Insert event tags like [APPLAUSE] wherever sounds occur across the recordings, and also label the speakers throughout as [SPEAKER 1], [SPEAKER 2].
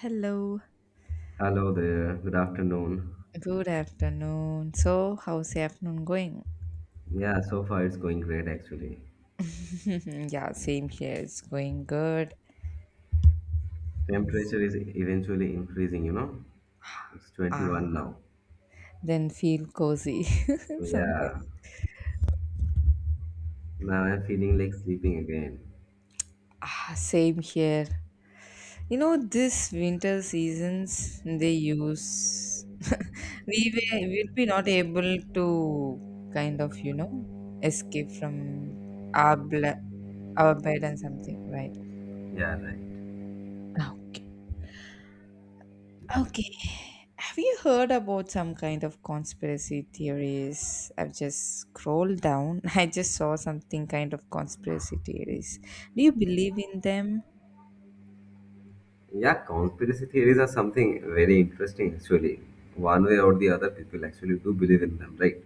[SPEAKER 1] Hello.
[SPEAKER 2] Hello there, good afternoon.
[SPEAKER 1] Good afternoon. So, how's the afternoon going?
[SPEAKER 2] Yeah, so far it's going great actually.
[SPEAKER 1] [LAUGHS] Yeah, same here. It's going good.
[SPEAKER 2] Temperature is eventually increasing, you know. It's 21
[SPEAKER 1] Ah,
[SPEAKER 2] now.
[SPEAKER 1] then feel cozy. [LAUGHS]
[SPEAKER 2] So
[SPEAKER 1] Sometimes.
[SPEAKER 2] yeah, now I'm feeling like sleeping again.
[SPEAKER 1] Ah, same here. You know, this winter seasons they use we were will be not able to kind of escape from our our bed and something, right?
[SPEAKER 2] Yeah, right.
[SPEAKER 1] Okay. Okay. Have you heard about some kind of conspiracy theories? I've just scrolled down. [LAUGHS] I just saw something kind of conspiracy theories. Do you believe in them?
[SPEAKER 2] Yeah, conspiracy theories are something very interesting actually. One way or the other, people actually do believe in them, right?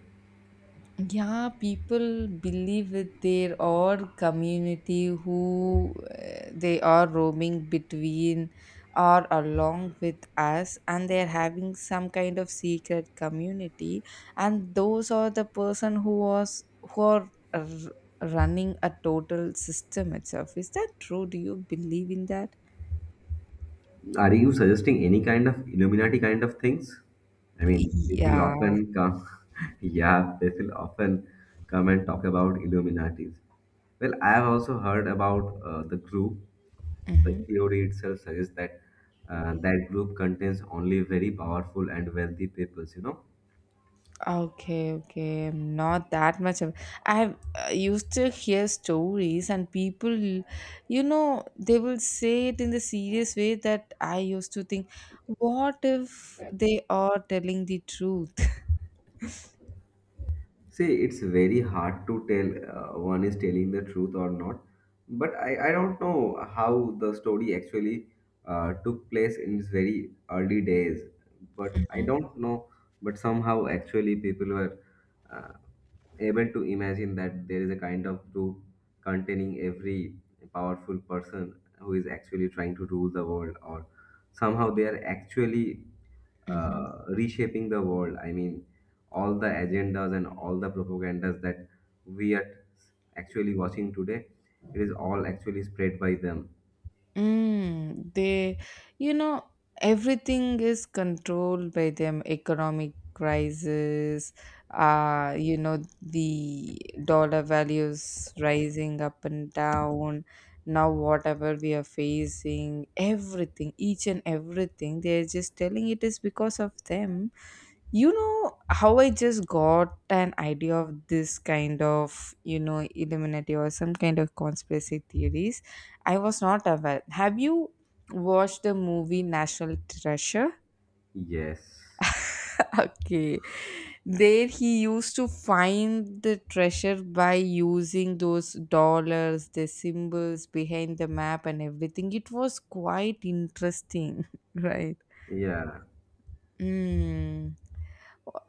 [SPEAKER 1] Yeah, people believe with their or community who they are roaming between or along with us, and they're having some kind of secret community, and those are the person who was who are r- running a total system itself. Is that true? Do you believe in that?
[SPEAKER 2] Are you suggesting any kind of Illuminati kind of things? I mean, people
[SPEAKER 1] Yeah.
[SPEAKER 2] often come, [LAUGHS] yeah, people often come and talk about Illuminatis. Well, I have also heard about the group. The
[SPEAKER 1] Mhm.
[SPEAKER 2] theory itself suggests that that group contains only very powerful and wealthy peoples, you know.
[SPEAKER 1] Okay, okay. I'm not that much of. I have used to hear stories, and people, you know, they will say it in the serious way that I used to think, what if they are telling the truth? [LAUGHS]
[SPEAKER 2] See, it's very hard to tell one is telling the truth or not. But I don't know how the story actually took place in its very early days. But I don't know. But somehow, actually, people were uh, able to imagine that there is a kind of group containing every powerful person who is actually trying to rule the world or somehow they are actually
[SPEAKER 1] Hmm.
[SPEAKER 2] reshaping the world. I mean, all the agendas and all the propagandas that we are actually watching today, it is all actually spread by them.
[SPEAKER 1] Mm, they, you know, everything is controlled by them. Economic crisis, you know, the dollar values rising up and down. Now, whatever we are facing, everything, each and everything, they're just telling it is because of them. You know how I just got an idea of this kind of, you know, Illuminati or some kind of conspiracy theories? I was not aware. Have you watched the movie National Treasure?
[SPEAKER 2] Yes,
[SPEAKER 1] [LAUGHS] Okay. There he used to find the treasure by using those dollars, the symbols behind the map and everything. It was quite interesting, [LAUGHS] right?
[SPEAKER 2] yeah.
[SPEAKER 1] Mm.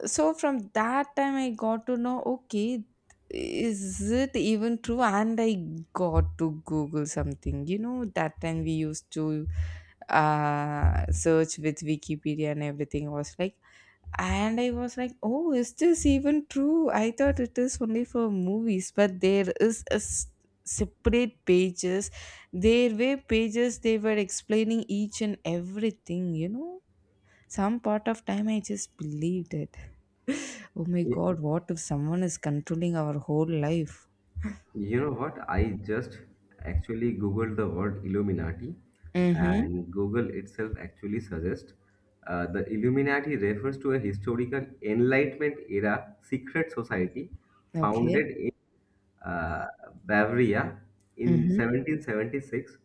[SPEAKER 1] So from that time, I got to know, okay, is it even true? And I got to Google something. You know, that time we used to search with Wikipedia and everything was like, and I was like, oh, is this even true? I thought it is only for movies, but there is a separate pages. There were pages they were explaining each and everything. You know, some part of time I just believed it. Oh my god, what if someone is controlling our whole life?
[SPEAKER 2] You know what? I just actually googled the word Illuminati,
[SPEAKER 1] Mm-hmm.
[SPEAKER 2] and Google itself actually suggests the Illuminati refers to a historical Enlightenment era secret society
[SPEAKER 1] Okay.
[SPEAKER 2] founded in uh, Bavaria in
[SPEAKER 1] Mm-hmm.
[SPEAKER 2] 1776,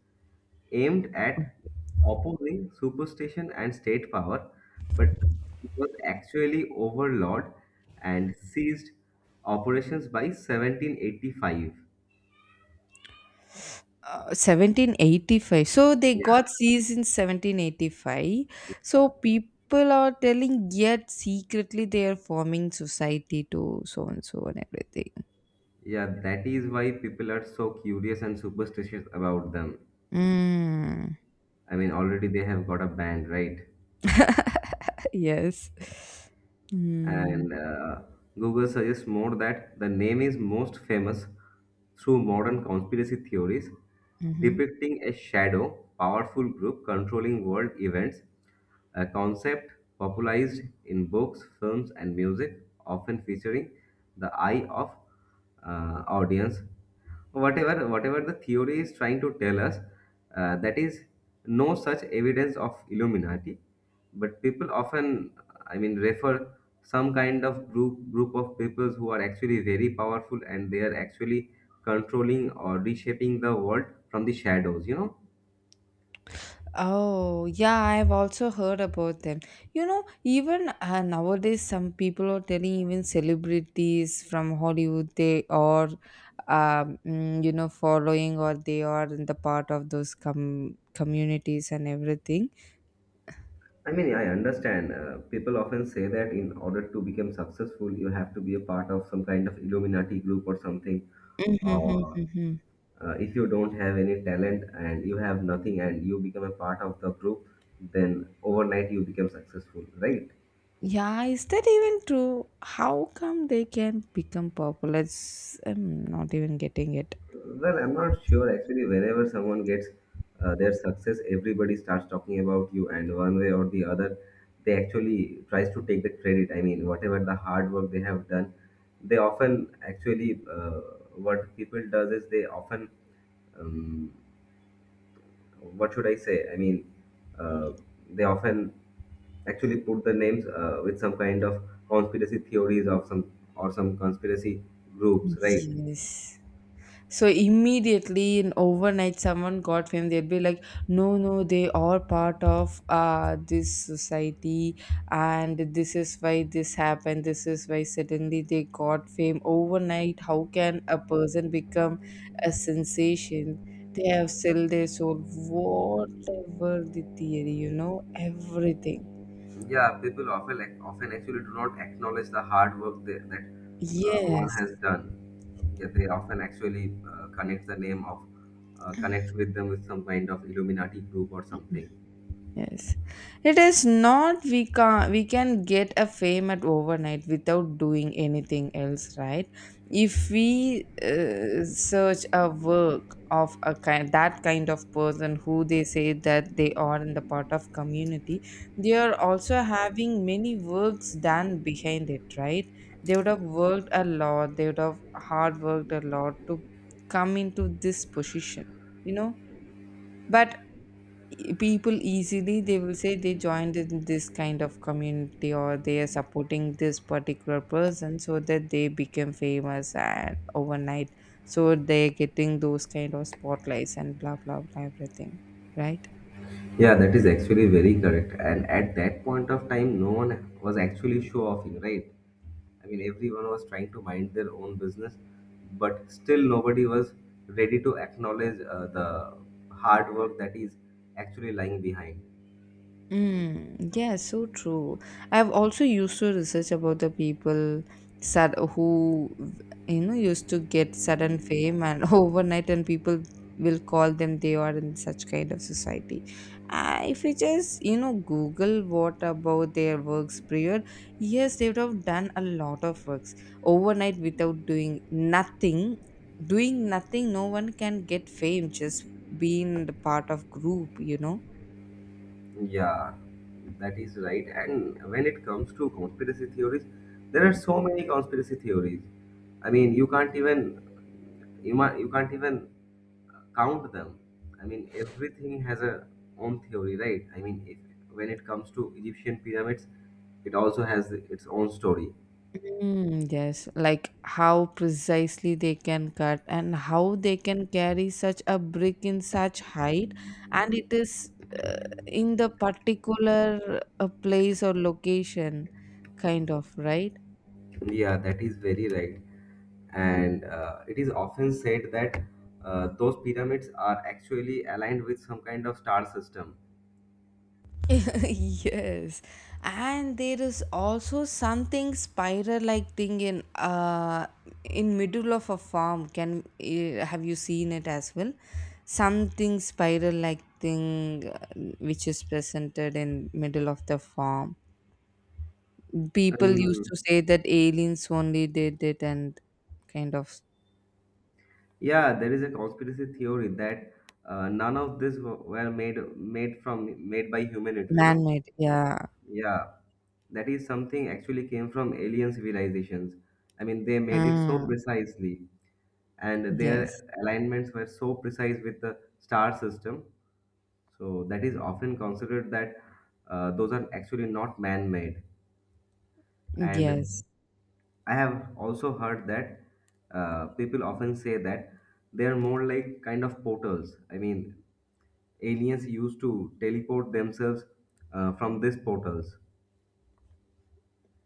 [SPEAKER 2] aimed at opposing superstition and state power, but it was actually overlawed and ceased operations by 1785.
[SPEAKER 1] 1785. So they got seized in 1785. So people are telling yet secretly they are forming society to so and so and everything.
[SPEAKER 2] Yeah, that is why people are so curious and superstitious about them.
[SPEAKER 1] Mm.
[SPEAKER 2] I mean, already they have got a band, right?
[SPEAKER 1] [LAUGHS] Yes. Mm-hmm.
[SPEAKER 2] And Google suggests more that the name is most famous through modern conspiracy theories
[SPEAKER 1] Mm-hmm.
[SPEAKER 2] depicting a shadow, powerful group controlling world events, a concept popularized in books, films, and music, often featuring the eye of audience. Whatever the theory is trying to tell us, that is no such evidence of Illuminati. But people often, I mean, refer some kind of group of peoples who are actually very powerful, and they are actually controlling or reshaping the world from the shadows, you know.
[SPEAKER 1] Oh, yeah, I've also heard about them. You know, even nowadays, some people are telling even celebrities from Hollywood they are, you know, following or they are in the part of those communities and everything.
[SPEAKER 2] I mean, I understand, people often say that in order to become successful you have to be a part of some kind of Illuminati group or something, or
[SPEAKER 1] Mm-hmm.
[SPEAKER 2] if you don't have any talent and you have nothing and you become a part of the group, then overnight you become successful, right?
[SPEAKER 1] Yeah, is that even true? How come they can become popular? It's, I'm not even getting it.
[SPEAKER 2] Well, I'm not sure actually. Whenever someone gets their success, everybody starts talking about you, and one way or the other they actually tries to take the credit. I mean, whatever the hard work they have done, they often actually what people does is they often um, what should I say. I mean, uh, they often actually put the names with some kind of conspiracy theories of some or some conspiracy groups, right?
[SPEAKER 1] Yes. So immediately in overnight, someone got fame. They'd be like, "No, no, they are part of this society, and this is why this happened. This is why suddenly they got fame overnight. How can a person become a sensation? They have sold their soul, whatever the theory, you know, everything.
[SPEAKER 2] Yeah, people often, like, often actually do not acknowledge the hard work that one
[SPEAKER 1] Yes,
[SPEAKER 2] has done. Yeah, they often actually connect the name of connect with them with some kind of Illuminati group or something.
[SPEAKER 1] yes. It is not we can we can get a fame at overnight without doing anything else, right? If we search a work of a kind that kind of person who they say that they are in the part of community, they are also having many works done behind it, right? They would have worked a lot, they would have hard worked a lot to come into this position, you know? But people easily they will say they joined in this kind of community or they are supporting this particular person so that they became famous and overnight, so they're getting those kind of spotlights and blah blah blah everything, right?
[SPEAKER 2] Yeah, that is actually very correct. And at that point of time no one was actually show offing, right? I mean, everyone was trying to mind their own business, but still nobody was ready to acknowledge the hard work that is actually lying behind.
[SPEAKER 1] Mm, yeah, so true. I've also used to research about the people sad who you know used to get sudden fame and [LAUGHS] overnight, and people will call them they are in such kind of society. If you just you know Google what about their works prior, yes, they would have done a lot of works overnight without doing nothing. Doing nothing, no one can get fame. Just being the part of group, you know.
[SPEAKER 2] Yeah, that is right. And when it comes to conspiracy theories, there are so many conspiracy theories. I mean, you can't even you can't even count them. I mean, everything has a own theory, right? I mean, if, when it comes to Egyptian pyramids, it also has its own story.
[SPEAKER 1] Mm, yes, like how precisely they can cut and how they can carry such a brick in such height, and it is uh, in the particular place or location, kind of, right?
[SPEAKER 2] Yeah, that is very right. And it is often said that those pyramids are actually aligned with some kind of star system.
[SPEAKER 1] [LAUGHS] Yes, and there is also something spiral like thing in middle of a farm can have you seen it as well, something spiral like thing, which is presented in middle of the farm. People used
[SPEAKER 2] Um,
[SPEAKER 1] to say that aliens only did it and kind of
[SPEAKER 2] yeah, there is a conspiracy theory that none of this were made by humanity, you know?
[SPEAKER 1] man-made, yeah.
[SPEAKER 2] Yeah, that is something actually came from alien civilizations. I mean, they made it so
[SPEAKER 1] Mm.
[SPEAKER 2] precisely, and
[SPEAKER 1] Yes.
[SPEAKER 2] their alignments were so precise with the star system. So that is often considered that those are actually not man-made.
[SPEAKER 1] Yes.
[SPEAKER 2] And I have also heard that people often say that they are more like kind of portals. I mean, aliens used to teleport themselves from these portals.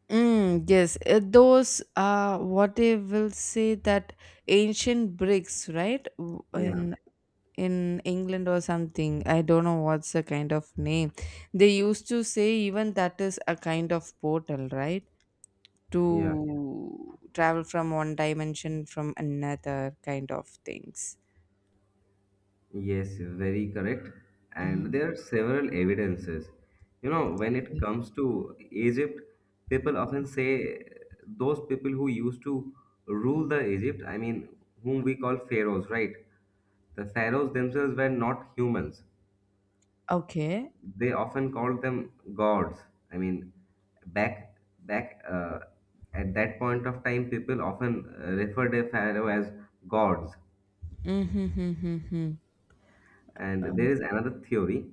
[SPEAKER 1] Mm, yes, those what they will say that ancient bricks, right?
[SPEAKER 2] Yeah,
[SPEAKER 1] In England or something. I don't know what's the kind of name. They used to say even that is a kind of portal, right?
[SPEAKER 2] yeah.
[SPEAKER 1] To travel from one dimension from another kind of things.
[SPEAKER 2] Yes, very correct.
[SPEAKER 1] Hmm.
[SPEAKER 2] And there are several evidences. You know, when it comes to Egypt, people often say those people who used to rule the Egypt, I mean, whom we call pharaohs, right? The pharaohs themselves were not humans.
[SPEAKER 1] Okay.
[SPEAKER 2] They often called them gods. I mean, back at that point of time, people often referred a pharaoh as gods.
[SPEAKER 1] Mm-hmm. Mm-hmm.
[SPEAKER 2] And there is another theory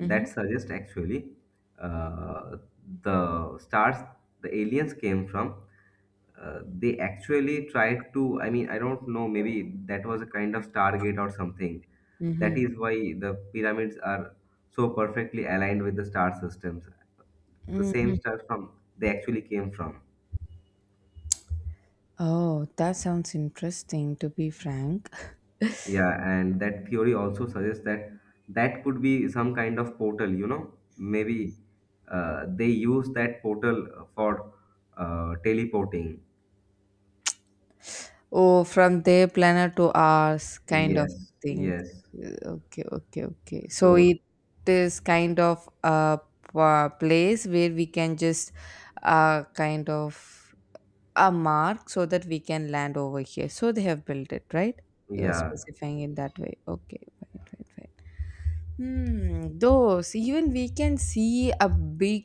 [SPEAKER 1] Mm-hmm.
[SPEAKER 2] that suggests actually uh, the stars the aliens came from, they actually tried to, I mean, I don't know, maybe that was a kind of Stargate or something.
[SPEAKER 1] Mm-hmm.
[SPEAKER 2] That
[SPEAKER 1] Mm-hmm.
[SPEAKER 2] is why the pyramids are so perfectly aligned with the star systems. The same
[SPEAKER 1] Mm-hmm.
[SPEAKER 2] stars from they actually came from.
[SPEAKER 1] Oh, that sounds interesting, to be frank.
[SPEAKER 2] Yeah, and that theory also suggests that that could be some kind of portal, you know. Maybe they use that portal for teleporting.
[SPEAKER 1] Oh, from their planet to ours, kind of
[SPEAKER 2] Yes,
[SPEAKER 1] thing.
[SPEAKER 2] yes.
[SPEAKER 1] Uh, Okay, okay, okay. So
[SPEAKER 2] So,
[SPEAKER 1] it is kind of a place where we can just kind of a mark so that we can land over here. So they have built it, right? You're
[SPEAKER 2] yeah,
[SPEAKER 1] specifying it that way. Okay, fine, fine, fine. Hmm, those even we can see a big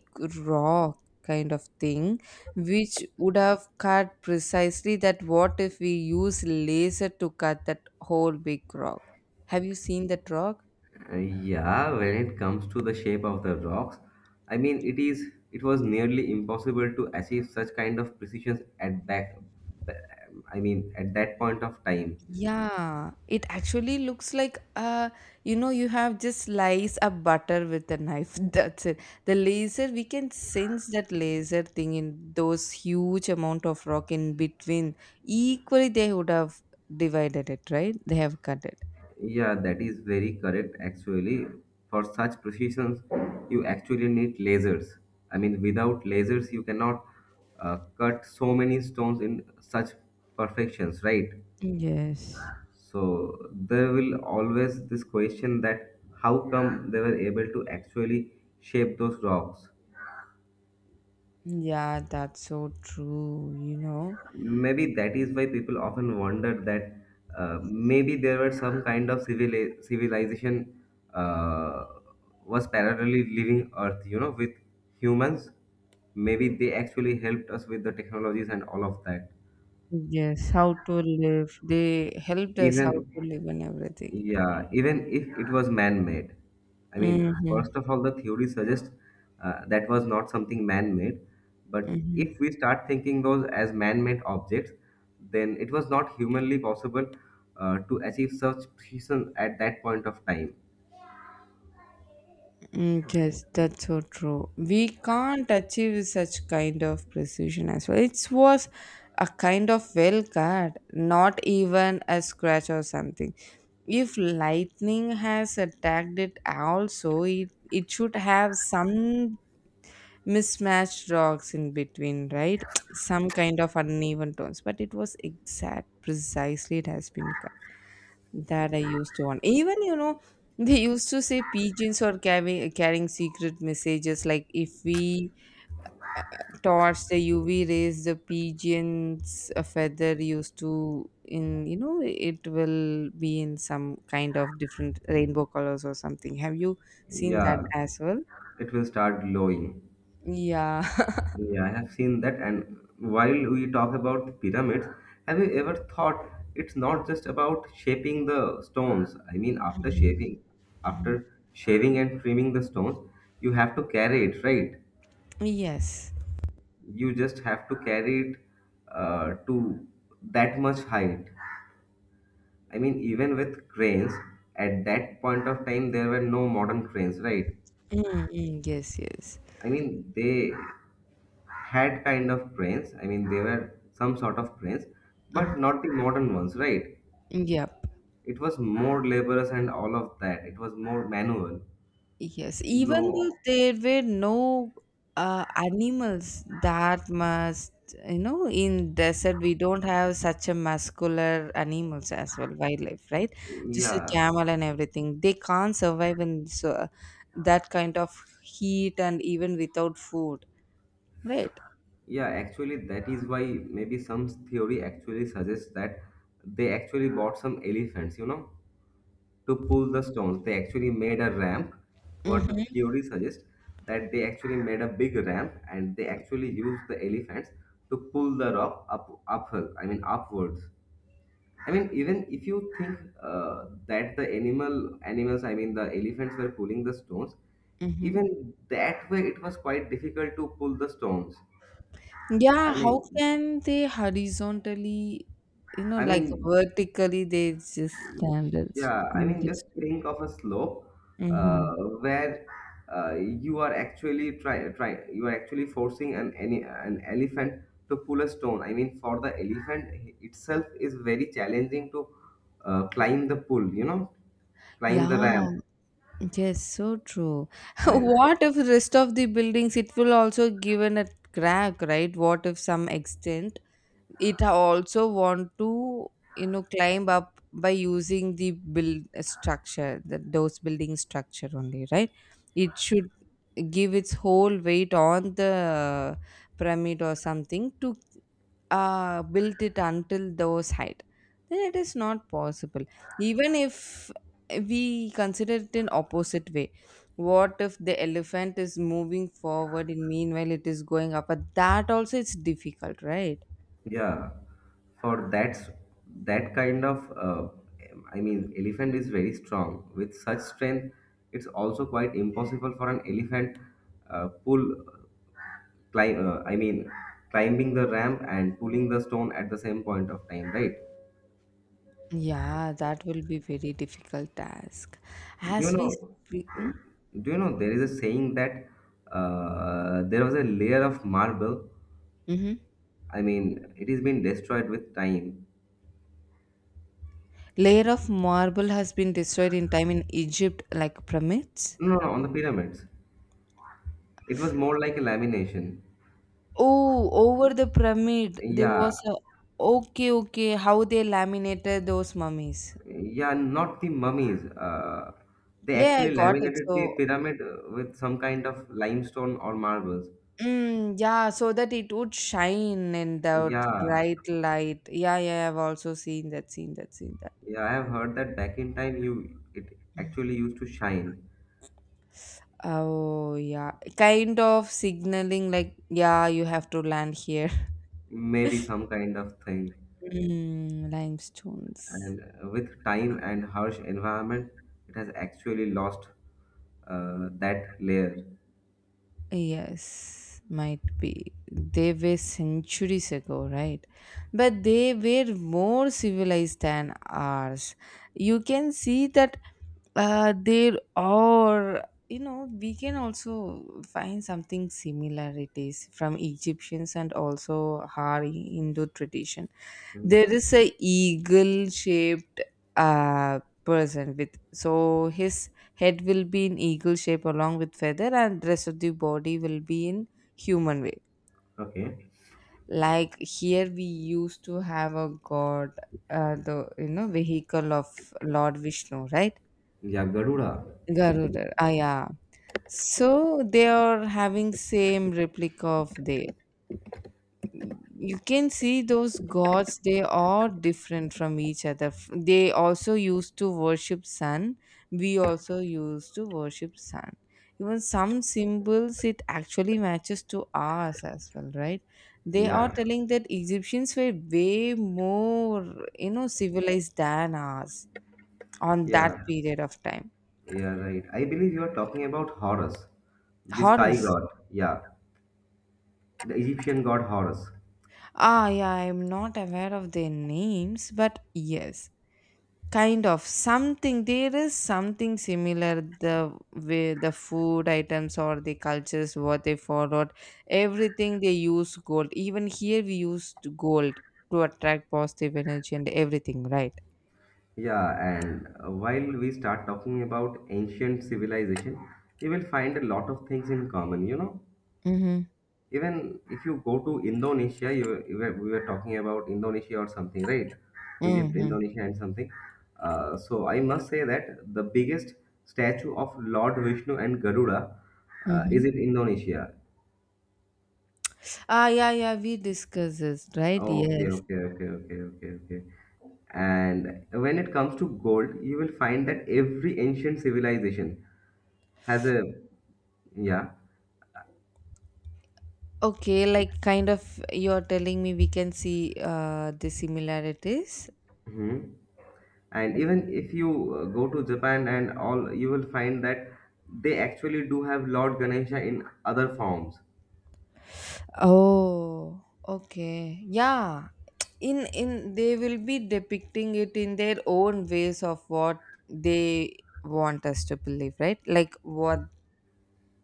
[SPEAKER 1] rock kind of thing which would have cut precisely that what if we use laser to cut that whole big rock. Have you seen that rock?
[SPEAKER 2] yeah, when it comes to the shape of the rocks, I mean, it was nearly impossible to achieve such kind of precision at back, I mean, at that point of time.
[SPEAKER 1] Yeah, it actually looks like you know you have just sliced a butter with a knife. [LAUGHS] That's it. The laser we can sense that laser thing in those huge amount of rock in between. Equally they would have divided it, right? They have cut it.
[SPEAKER 2] Yeah, that is very correct actually. For such precisions, you actually need lasers. I mean, without lasers, you cannot cut so many stones in such perfections, right?
[SPEAKER 1] Yes.
[SPEAKER 2] So there will always this question that how come they were able to actually shape those rocks?
[SPEAKER 1] Yeah, that's so true, you know.
[SPEAKER 2] Maybe that is why people often wonder that maybe there were some kind of civilization uh, was parallelly living Earth, you know, with humans. Maybe they actually helped us with the technologies and all of that.
[SPEAKER 1] Yes. How to live. They helped us how
[SPEAKER 2] Even
[SPEAKER 1] to live and everything.
[SPEAKER 2] yeah, even if it was man-made. I mean,
[SPEAKER 1] Mm-hmm.
[SPEAKER 2] first of all, the theory suggests that was not something man-made. But
[SPEAKER 1] Mm-hmm.
[SPEAKER 2] if we start thinking those as man-made objects, then it was not humanly possible to achieve such precision at that point of time.
[SPEAKER 1] Mm, yes, that's so true. We can't achieve such kind of precision as well. It was a kind of well cut, not even a scratch or something. If lightning has attacked it, also it should have some mismatched rocks in between, right? [TSK] Some kind of uneven tones, but it was exact, precisely it has been cut. That I used to want. Even, you know, [LAUGHS] they used to say pigeons are carrying secret messages. Like if we torch the UV rays, the pigeon's a feather used to, in you know, it will be in some kind of different rainbow colors or something. Have you seen that
[SPEAKER 2] Yeah,
[SPEAKER 1] as well?
[SPEAKER 2] it will start glowing.
[SPEAKER 1] Yeah.
[SPEAKER 2] Yeah, I have seen that. And while we talk about the pyramids, have you ever thought it's not just about shaping the stones? I mean, after shaving and trimming the stones, you have to carry it, right?
[SPEAKER 1] [LAUGHS] Yes.
[SPEAKER 2] You just have to carry it to that much height. I mean, even with cranes, at that point of time, there were no modern cranes, right?
[SPEAKER 1] Mm mm, yes. Yes.
[SPEAKER 2] I mean, they had kind of cranes. I mean, they were some sort of cranes, but
[SPEAKER 1] Mm,
[SPEAKER 2] not the modern ones, right?
[SPEAKER 1] yeah.
[SPEAKER 2] It was more laborious and all of that. It was more manual.
[SPEAKER 1] Yes, even
[SPEAKER 2] No,
[SPEAKER 1] though there were no animals that must, you know, in desert we don't have such a muscular animals as well, wildlife, right? Just a
[SPEAKER 2] yeah,
[SPEAKER 1] camel and everything. They can't survive in so, that kind of heat and even without food, right?
[SPEAKER 2] yeah. Actually, that is why maybe some theory actually suggests that they actually bought some elephants, you know, to pull the stones. They actually made a ramp. What the
[SPEAKER 1] Mm-hmm,
[SPEAKER 2] theory suggests that they actually made a big ramp and they actually used the elephants to pull the rock up uphill. I mean upwards. I mean even if you think that the animals, I mean the elephants were pulling the stones,
[SPEAKER 1] mm-hmm.
[SPEAKER 2] even that way it was quite difficult to pull the stones.
[SPEAKER 1] Yeah,
[SPEAKER 2] I
[SPEAKER 1] how
[SPEAKER 2] mean,
[SPEAKER 1] can they horizontally, you know,
[SPEAKER 2] I
[SPEAKER 1] like
[SPEAKER 2] mean
[SPEAKER 1] vertically, they just stand and
[SPEAKER 2] yeah, I
[SPEAKER 1] make
[SPEAKER 2] mean,
[SPEAKER 1] it
[SPEAKER 2] just
[SPEAKER 1] straight.
[SPEAKER 2] think of a slope
[SPEAKER 1] Mm-hmm.
[SPEAKER 2] uh, where you are actually try you are actually forcing an elephant to pull a stone. I mean, for the elephant itself is very challenging to climb the pull. You know, climb the
[SPEAKER 1] Yeah,
[SPEAKER 2] ramp,
[SPEAKER 1] yes, so true. [LAUGHS]
[SPEAKER 2] and
[SPEAKER 1] What if rest of the buildings it will also given a crack, right? What if some extent also want to you know climb up by using the build structure, the those building structure only, right? It should give its whole weight on the pyramid or something to built it until those height, then it is not possible even if we consider it in opposite way. What if the elephant is moving forward and meanwhile it is going up, but that also it's difficult, right?
[SPEAKER 2] yeah, for that that kind of I mean, elephant is very strong. With such strength, it's also quite impossible for an elephant pull. Climb I mean climbing the ramp and pulling the stone at the same point of time, right?
[SPEAKER 1] Yeah, that will be very difficult task
[SPEAKER 2] do you
[SPEAKER 1] as we
[SPEAKER 2] know
[SPEAKER 1] speak.
[SPEAKER 2] do you know there is a saying that there was a layer of marble.
[SPEAKER 1] Mm-hmm.
[SPEAKER 2] I mean, it has been destroyed with time.
[SPEAKER 1] Layer of marble has been destroyed in time in Egypt like pyramids.
[SPEAKER 2] No, no, no, on the pyramids it was more like a lamination.
[SPEAKER 1] Oh, over the pyramid, there
[SPEAKER 2] Yeah,
[SPEAKER 1] was a. Okay, okay. How they laminated those mummies.
[SPEAKER 2] yeah, not the mummies. uh, they
[SPEAKER 1] Yeah, I
[SPEAKER 2] actually
[SPEAKER 1] got it.
[SPEAKER 2] laminated the
[SPEAKER 1] So,
[SPEAKER 2] pyramid with some kind of limestone or marbles.
[SPEAKER 1] mm, yeah, so that it would shine in the
[SPEAKER 2] Yeah.
[SPEAKER 1] bright light. Yeah, yeah, I've also seen that, seen that, seen that.
[SPEAKER 2] Yeah, I have heard that back in time you it actually used to shine,
[SPEAKER 1] Oh, yeah. Kind of signaling like, yeah, you have to land here. [LAUGHS]
[SPEAKER 2] maybe some kind of thing.
[SPEAKER 1] Mm, limestones.
[SPEAKER 2] And with time and harsh environment, it has actually lost that layer.
[SPEAKER 1] Yes, might be. They were centuries ago, right? But they were more civilized than ours. You can see that there are, you know, we can also find something similarities from Egyptians and also our Hindu tradition.
[SPEAKER 2] Hmm.
[SPEAKER 1] There is a eagle shaped person with so his head will be in eagle shape along with feather and rest of the body will be in human way.
[SPEAKER 2] Okay.
[SPEAKER 1] Like here we used to have a god, the you know vehicle of Lord Vishnu, right?
[SPEAKER 2] Yeah, Garuda.
[SPEAKER 1] Garuda. Ah yeah. So they are having same replica of there. You can see those gods. They are different from each other. They also used to worship sun. We also used to worship sun. Even some symbols, it actually matches to ours as well, right? They are
[SPEAKER 2] Yeah,
[SPEAKER 1] telling that Egyptians were way more, civilized than us on that
[SPEAKER 2] yeah,
[SPEAKER 1] period of time.
[SPEAKER 2] yeah, right. I believe you are talking about Horus, the sky
[SPEAKER 1] Horrors.
[SPEAKER 2] god. Yeah, the Egyptian god Horus.
[SPEAKER 1] Ah, yeah, I'm not aware of their names, but yes. Kind of something. There is something similar. The way the food items or the cultures what they followed, everything they use gold. Even here we used gold to attract positive energy and everything, right?
[SPEAKER 2] Yeah, and while we start talking about ancient civilization, you will find a lot of things in common, you know?
[SPEAKER 1] Mm-hmm.
[SPEAKER 2] Even if you go to Indonesia, we were talking about Indonesia or something, right? Egypt,
[SPEAKER 1] Mm-hmm.
[SPEAKER 2] Indonesia, and something. So I must say that the biggest statue of Lord Vishnu and Garuda is
[SPEAKER 1] Mm-hmm.
[SPEAKER 2] in Indonesia.
[SPEAKER 1] Ah, yeah, yeah. We discuss this, right?
[SPEAKER 2] Okay,
[SPEAKER 1] Yes.
[SPEAKER 2] okay, okay, okay, okay, okay. And when it comes to gold, you will find that every ancient civilization has a yeah.
[SPEAKER 1] Okay, like kind of you're telling me we can see the similarities.
[SPEAKER 2] Mhm. And even if you go to Japan and all, you will find that they actually do have Lord Ganesha in other forms.
[SPEAKER 1] Oh, okay. Yeah. [TSK] In they will be depicting it in their own ways of what they want us to believe, right? Like what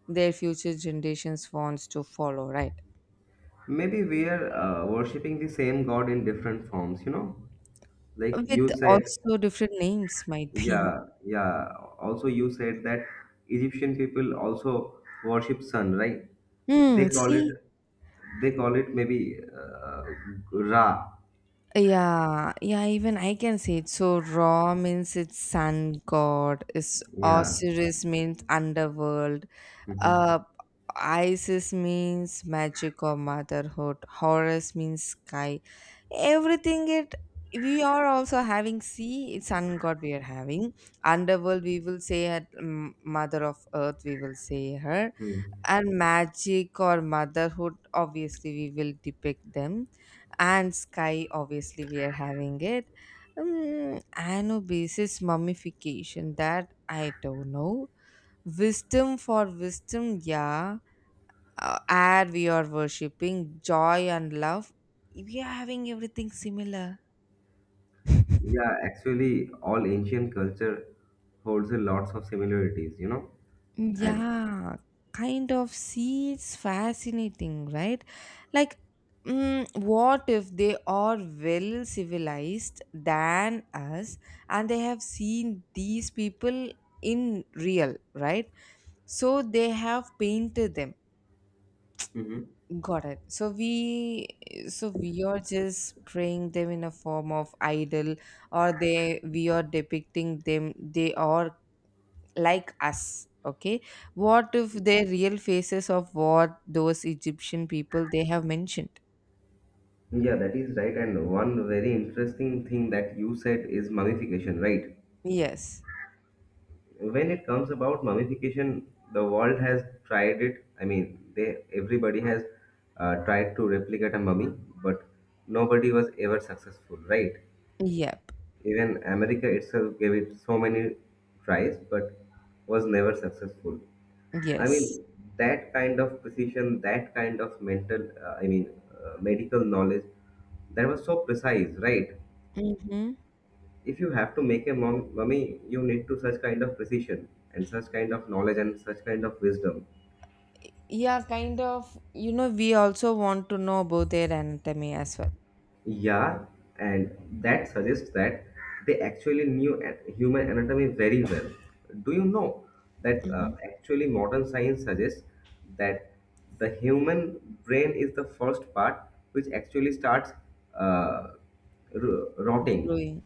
[SPEAKER 1] their future generations wants to follow, right?
[SPEAKER 2] Maybe we are worshipping the same god in different forms, you know, like
[SPEAKER 1] With
[SPEAKER 2] you said.
[SPEAKER 1] also different names might be.
[SPEAKER 2] Yeah, yeah, also you said that Egyptian people also worship sun, right? They
[SPEAKER 1] Hmm,
[SPEAKER 2] call it,
[SPEAKER 1] see?
[SPEAKER 2] they call it maybe Ra.
[SPEAKER 1] Yeah, yeah, even I can say it. So Ra means it's sun god, is
[SPEAKER 2] Yeah.
[SPEAKER 1] Osiris means underworld.
[SPEAKER 2] Mhm.
[SPEAKER 1] Uh, Isis means magic or motherhood. Horus means sky. Everything, it we are also having sea sun god. We are having underworld, we will say at mother of earth we will say her.
[SPEAKER 2] Hmm.
[SPEAKER 1] And magic or motherhood, obviously we will depict them. And sky, obviously, we are having it. Anubis is mummification, that I don't know. Wisdom for wisdom, yeah. Add we are worshipping joy and love. We are having everything similar.
[SPEAKER 2] Yeah, actually, all ancient culture holds a lots of similarities, you know. And
[SPEAKER 1] Yeah, kind of, see, it's fascinating, right? Like, what if they are well civilized than us and they have seen these people in real, right? So they have painted them.
[SPEAKER 2] hmm,
[SPEAKER 1] Got it. So we are just praying them in a form of idol, or they we are depicting them. They are like us. Okay. What if they're real faces of what those Egyptian people they have mentioned?
[SPEAKER 2] yeah, that is right. And one very interesting thing that you said is mummification, right?
[SPEAKER 1] Yes.
[SPEAKER 2] When it comes about mummification, the world has tried it. I mean, they everybody has tried to replicate a mummy, but nobody was ever successful, right?
[SPEAKER 1] Yep.
[SPEAKER 2] Even America itself gave it so many tries, but was never successful. I
[SPEAKER 1] Yes.
[SPEAKER 2] mean, that kind of precision, that kind of mental, I mean, medical knowledge, that was so precise, right?
[SPEAKER 1] Mm-hmm.
[SPEAKER 2] If you have to make a mummy, you need to such kind of precision and such kind of knowledge and such kind of wisdom.
[SPEAKER 1] Yeah, kind of. We also want to know about their anatomy as well.
[SPEAKER 2] Yeah, and that suggests that they actually knew human anatomy very well. Do you know that
[SPEAKER 1] Mm-hmm.
[SPEAKER 2] actually modern science suggests that the human brain is the first part which actually starts uh, rotting
[SPEAKER 1] Growing.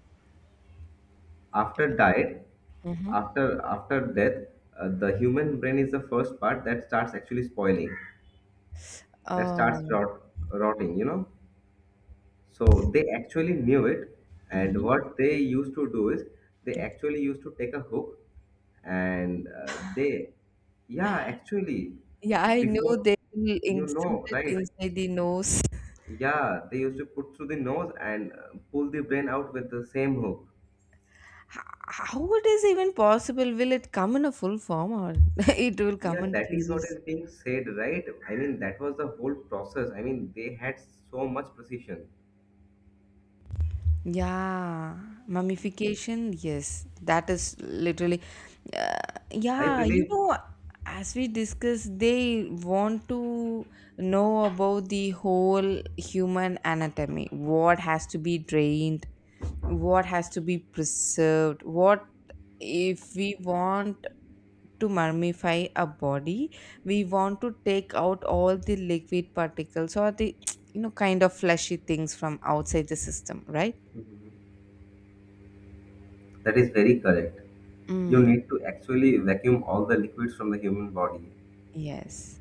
[SPEAKER 2] after diet,
[SPEAKER 1] Mm-hmm.
[SPEAKER 2] after death. The human brain is the first part that starts actually spoiling, that starts
[SPEAKER 1] Oh.
[SPEAKER 2] rotting. You know. So they actually knew it, and
[SPEAKER 1] Mm-hmm.
[SPEAKER 2] what they used to do is they actually used to take a hook and yeah, actually,
[SPEAKER 1] Yeah, I know
[SPEAKER 2] before,
[SPEAKER 1] they will
[SPEAKER 2] you
[SPEAKER 1] insert
[SPEAKER 2] know,
[SPEAKER 1] it
[SPEAKER 2] right?
[SPEAKER 1] inside the nose.
[SPEAKER 2] Yeah, they used to put through the nose and pull the brain out with the same hook.
[SPEAKER 1] H- How it is even possible? Will it come in a full form or [LAUGHS] it will come
[SPEAKER 2] Yeah,
[SPEAKER 1] in
[SPEAKER 2] that is what
[SPEAKER 1] pieces?
[SPEAKER 2] is being said, right? I mean, that was the whole process. I mean, they had so much precision.
[SPEAKER 1] Yeah, mummification, yes, that is literally, uh,
[SPEAKER 2] I
[SPEAKER 1] yeah,
[SPEAKER 2] believe
[SPEAKER 1] as we discussed, they want to know about the whole human anatomy, what has to be drained, what has to be preserved, what if we want to mummify a body, we want to take out all the liquid particles or the [TSK] kind of fleshy things from outside the system, right?
[SPEAKER 2] that is very correct. You
[SPEAKER 1] Mm,
[SPEAKER 2] need to actually vacuum all the liquids from the human body.
[SPEAKER 1] yes.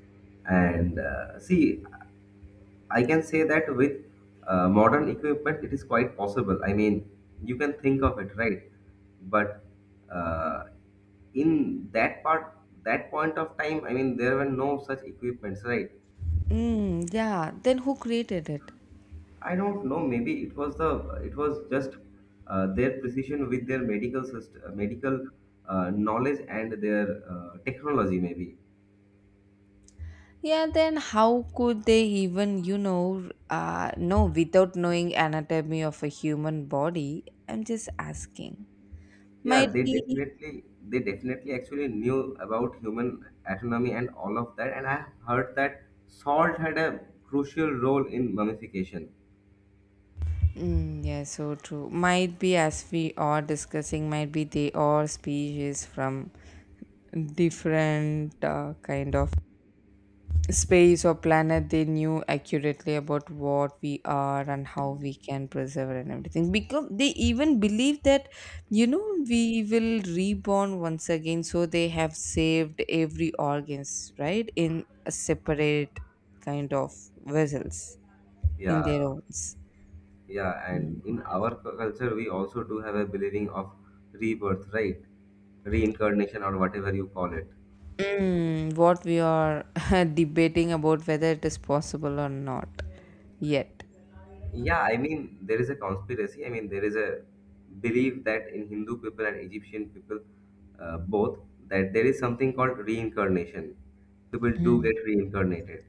[SPEAKER 2] And see, I can say that with modern equipment, it is quite possible. I mean, you can think of it, right? But uh, in that part, that point of time, I mean, there were no such equipments, right?
[SPEAKER 1] Mm, yeah. Then who created it?
[SPEAKER 2] I don't know. Maybe it was the it was just their precision with their medical system, medical knowledge and their technology, maybe.
[SPEAKER 1] Yeah, then how could they even, know without knowing anatomy of a human body? I'm just asking.
[SPEAKER 2] Yeah,
[SPEAKER 1] Might
[SPEAKER 2] they
[SPEAKER 1] be.
[SPEAKER 2] definitely, they definitely actually knew about human anatomy and all of that. And I heard that salt had a crucial role in mummification.
[SPEAKER 1] Mm, yeah, so true. Might be as we are discussing, might be they are species from different kind of space or planet. They knew accurately about what we are and how we can preserve and everything, because they even believe that you know we will reborn once again, so they have saved every organs, right, in a separate kind of vessels in
[SPEAKER 2] Yeah.
[SPEAKER 1] their owns.
[SPEAKER 2] Yeah, and
[SPEAKER 1] Mm.
[SPEAKER 2] in our culture, we also do have a believing of rebirth, right? Reincarnation or whatever you call it.
[SPEAKER 1] Mm, what we are [LAUGHS] debating about whether it is possible or not yet.
[SPEAKER 2] Yeah, I mean, there is a conspiracy, I mean, there is a belief that in Hindu people and Egyptian people, both, that there is something called reincarnation. People do get reincarnated.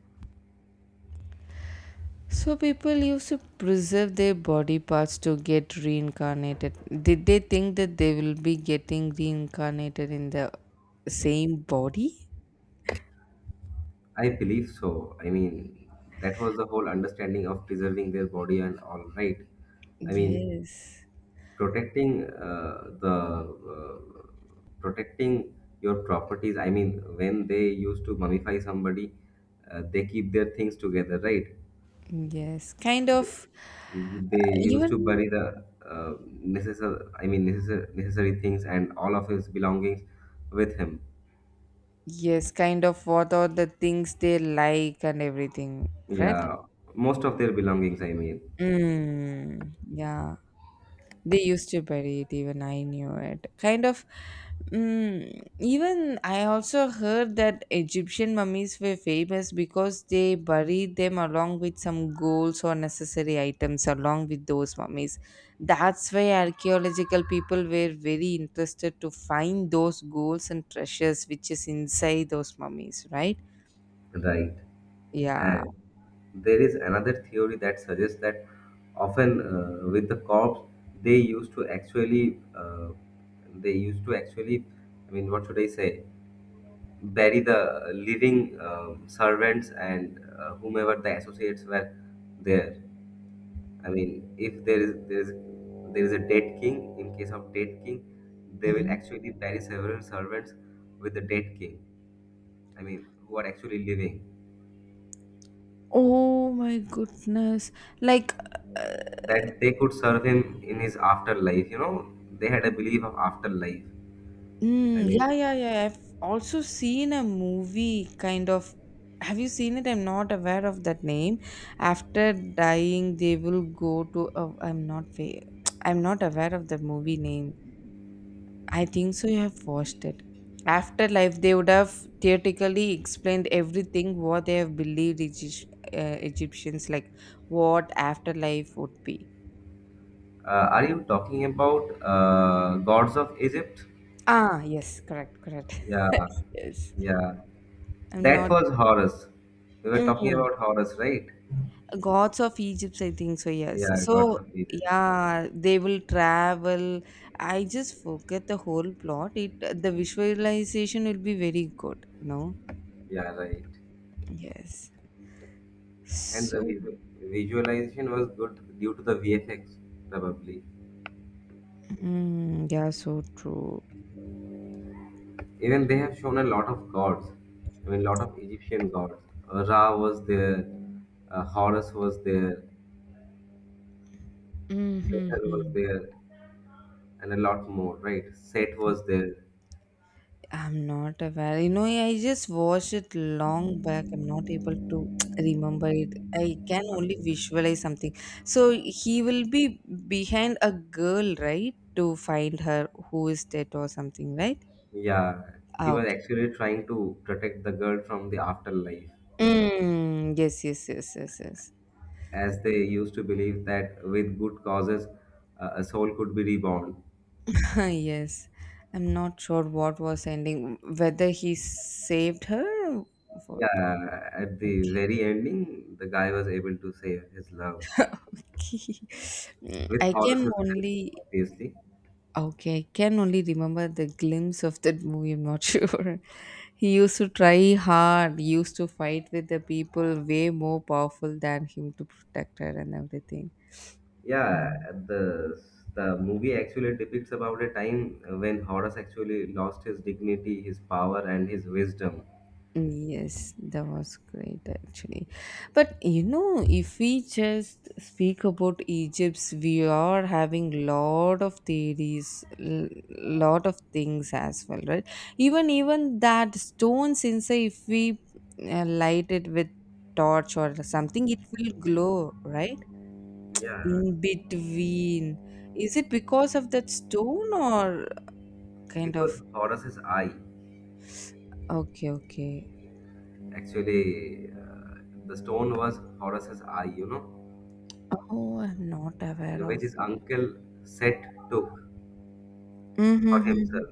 [SPEAKER 1] So people used to preserve their body parts to get reincarnated. Did they think that they will be getting reincarnated in the same body?
[SPEAKER 2] I believe so. I mean, that was the whole understanding of preserving their body and all, right? I mean,
[SPEAKER 1] Yes.
[SPEAKER 2] protecting the protecting your properties. I mean, when they used to mummify somebody, they keep their things together, right?
[SPEAKER 1] Yes. Kind of,
[SPEAKER 2] They used to
[SPEAKER 1] even
[SPEAKER 2] bury the necessary, I mean, necessary things and all of his belongings with him.
[SPEAKER 1] yes, kind of what are the things they like and everything, right?
[SPEAKER 2] Yeah, most of their belongings, I mean,
[SPEAKER 1] Mm, yeah. They used to bury it, even I knew it. Kind of, even I also heard that Egyptian mummies were famous because they buried them along with some golds or necessary items along with those mummies. That's why archaeological people were very interested to find those golds and treasures which is inside those mummies, right?
[SPEAKER 2] right?
[SPEAKER 1] Yeah.
[SPEAKER 2] There is another theory that suggests that often with the corpse, they used to actually uh, they used to actually, I mean, what should I say, bury the living servants and whomever the associates were there. I mean, if there is there is a dead king, in case of dead king, they will
[SPEAKER 1] Mhm.
[SPEAKER 2] actually bury several servants with the dead king. I mean, who are actually living.
[SPEAKER 1] Oh my goodness. Like.
[SPEAKER 2] That they could serve him in his afterlife. You know, they had a belief of afterlife. I
[SPEAKER 1] Mm, yeah,
[SPEAKER 2] mean,
[SPEAKER 1] yeah, yeah. I've also seen a movie kind of. Have you seen it? I'm not aware of that name. After dying, they will go to. Oh, I'm not. I'm not aware of the movie name. I think so. You have watched it. Afterlife, they would have theoretically explained everything what they have believed Egyptians like what afterlife would be.
[SPEAKER 2] are you talking about gods of Egypt?
[SPEAKER 1] Ah, yes, correct, correct.
[SPEAKER 2] Yeah,
[SPEAKER 1] [LAUGHS] Yes,
[SPEAKER 2] yeah.
[SPEAKER 1] I'm
[SPEAKER 2] That
[SPEAKER 1] not.
[SPEAKER 2] was Horus. We were talking
[SPEAKER 1] Mm.
[SPEAKER 2] about Horus, right?
[SPEAKER 1] Gods of Egypt, I think so, yes.
[SPEAKER 2] Yeah, gods
[SPEAKER 1] So,
[SPEAKER 2] of Egypt.
[SPEAKER 1] yeah, they will travel. I just forget the whole plot. It The visualization will be very good.
[SPEAKER 2] Yeah, right.
[SPEAKER 1] Yes.
[SPEAKER 2] And the
[SPEAKER 1] So,
[SPEAKER 2] visualization was good due to the VFX, probably.
[SPEAKER 1] yeah, so true.
[SPEAKER 2] Even they have shown a lot of gods. I mean, lot of Egyptian gods. Ra was there. Horus was there. Hathor was
[SPEAKER 1] Mm-hmm.
[SPEAKER 2] there. And a lot more, right? Seth was there.
[SPEAKER 1] I'm not aware. I just watched it long back. I'm not able to [TSK] remember it. I can only
[SPEAKER 2] Okay.
[SPEAKER 1] visualize something. So he will be behind a girl, right? To find her who is dead or something, right?
[SPEAKER 2] Yeah, he
[SPEAKER 1] Ah,
[SPEAKER 2] was
[SPEAKER 1] okay.
[SPEAKER 2] actually trying to protect the girl from the afterlife,
[SPEAKER 1] Mm, yes, yes, yes, yes, yes.
[SPEAKER 2] as they used to believe that with good causes, a soul could be reborn.
[SPEAKER 1] [LAUGHS] Yes. I'm not sure what was ending, whether he saved her or what.
[SPEAKER 2] Yeah, at the
[SPEAKER 1] Okay.
[SPEAKER 2] very ending, the guy was able to save his love
[SPEAKER 1] [LAUGHS] Mm,
[SPEAKER 2] with
[SPEAKER 1] I can
[SPEAKER 2] Horace's help,
[SPEAKER 1] only.
[SPEAKER 2] obviously.
[SPEAKER 1] Okay, can only remember the glimpse of that movie. I'm not [LAUGHS] sure. He used to try hard, used to fight with the people way more powerful than him to protect her and everything.
[SPEAKER 2] Yeah, the movie actually depicts about a time when Horace actually lost his dignity, his power, and his wisdom.
[SPEAKER 1] Yes, that was great actually. But if we just speak about Egypt's, we are having lot of theories, lot of things as well, right? Even that stones inside, if we light it with torch or something, it will glow, right?
[SPEAKER 2] Yeah,
[SPEAKER 1] In between, is it because of that stone or kind
[SPEAKER 2] it was
[SPEAKER 1] of?
[SPEAKER 2] Horace's eye.
[SPEAKER 1] Okay, okay.
[SPEAKER 2] Actually, the stone was Horus's eye, you know,
[SPEAKER 1] Oh, I'm not aware
[SPEAKER 2] which
[SPEAKER 1] of.
[SPEAKER 2] his uncle Set took for
[SPEAKER 1] Mm-hmm.
[SPEAKER 2] himself.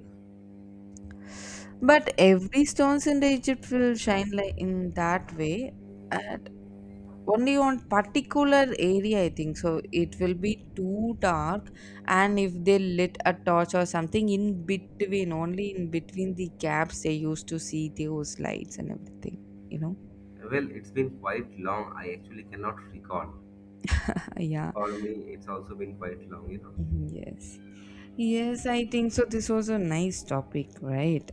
[SPEAKER 1] But every stones in the Egypt will shine like in that way, and only on particular area I think so. It will be too dark, and if they lit a torch or something in between, only in between the gaps they used to see those lights and everything. You know,
[SPEAKER 2] Well, it's been quite long. I actually cannot recall.
[SPEAKER 1] [LAUGHS] yeah.
[SPEAKER 2] For me, it's also been quite long, you know.
[SPEAKER 1] Mhm, yes, yes. I think so. This was a nice topic, right?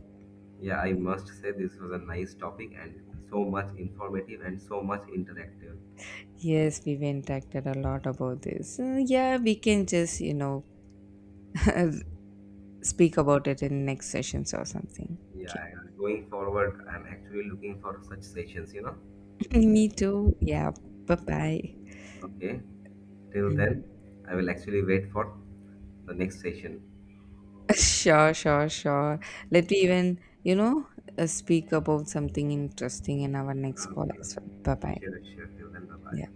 [SPEAKER 2] Yeah, I must say this was a nice topic and so much informative and so much interactive.
[SPEAKER 1] Yes, we've interacted a lot about this. Yeah, we can just, [LAUGHS] speak about it in next sessions or something. Okay.
[SPEAKER 2] Yeah, and going forward, I'm actually looking for such sessions, you know.
[SPEAKER 1] [LAUGHS] Me too. Yeah. Bye bye.
[SPEAKER 2] Okay, till then,
[SPEAKER 1] Mhm. [LAUGHS]
[SPEAKER 2] I will actually wait for the next session.
[SPEAKER 1] Sure, sure, sure. Let me even, speak about something interesting in our next call
[SPEAKER 2] Okay.
[SPEAKER 1] as well. Bye bye.
[SPEAKER 2] Sure, sure. Till then, bye
[SPEAKER 1] Yeah.
[SPEAKER 2] bye.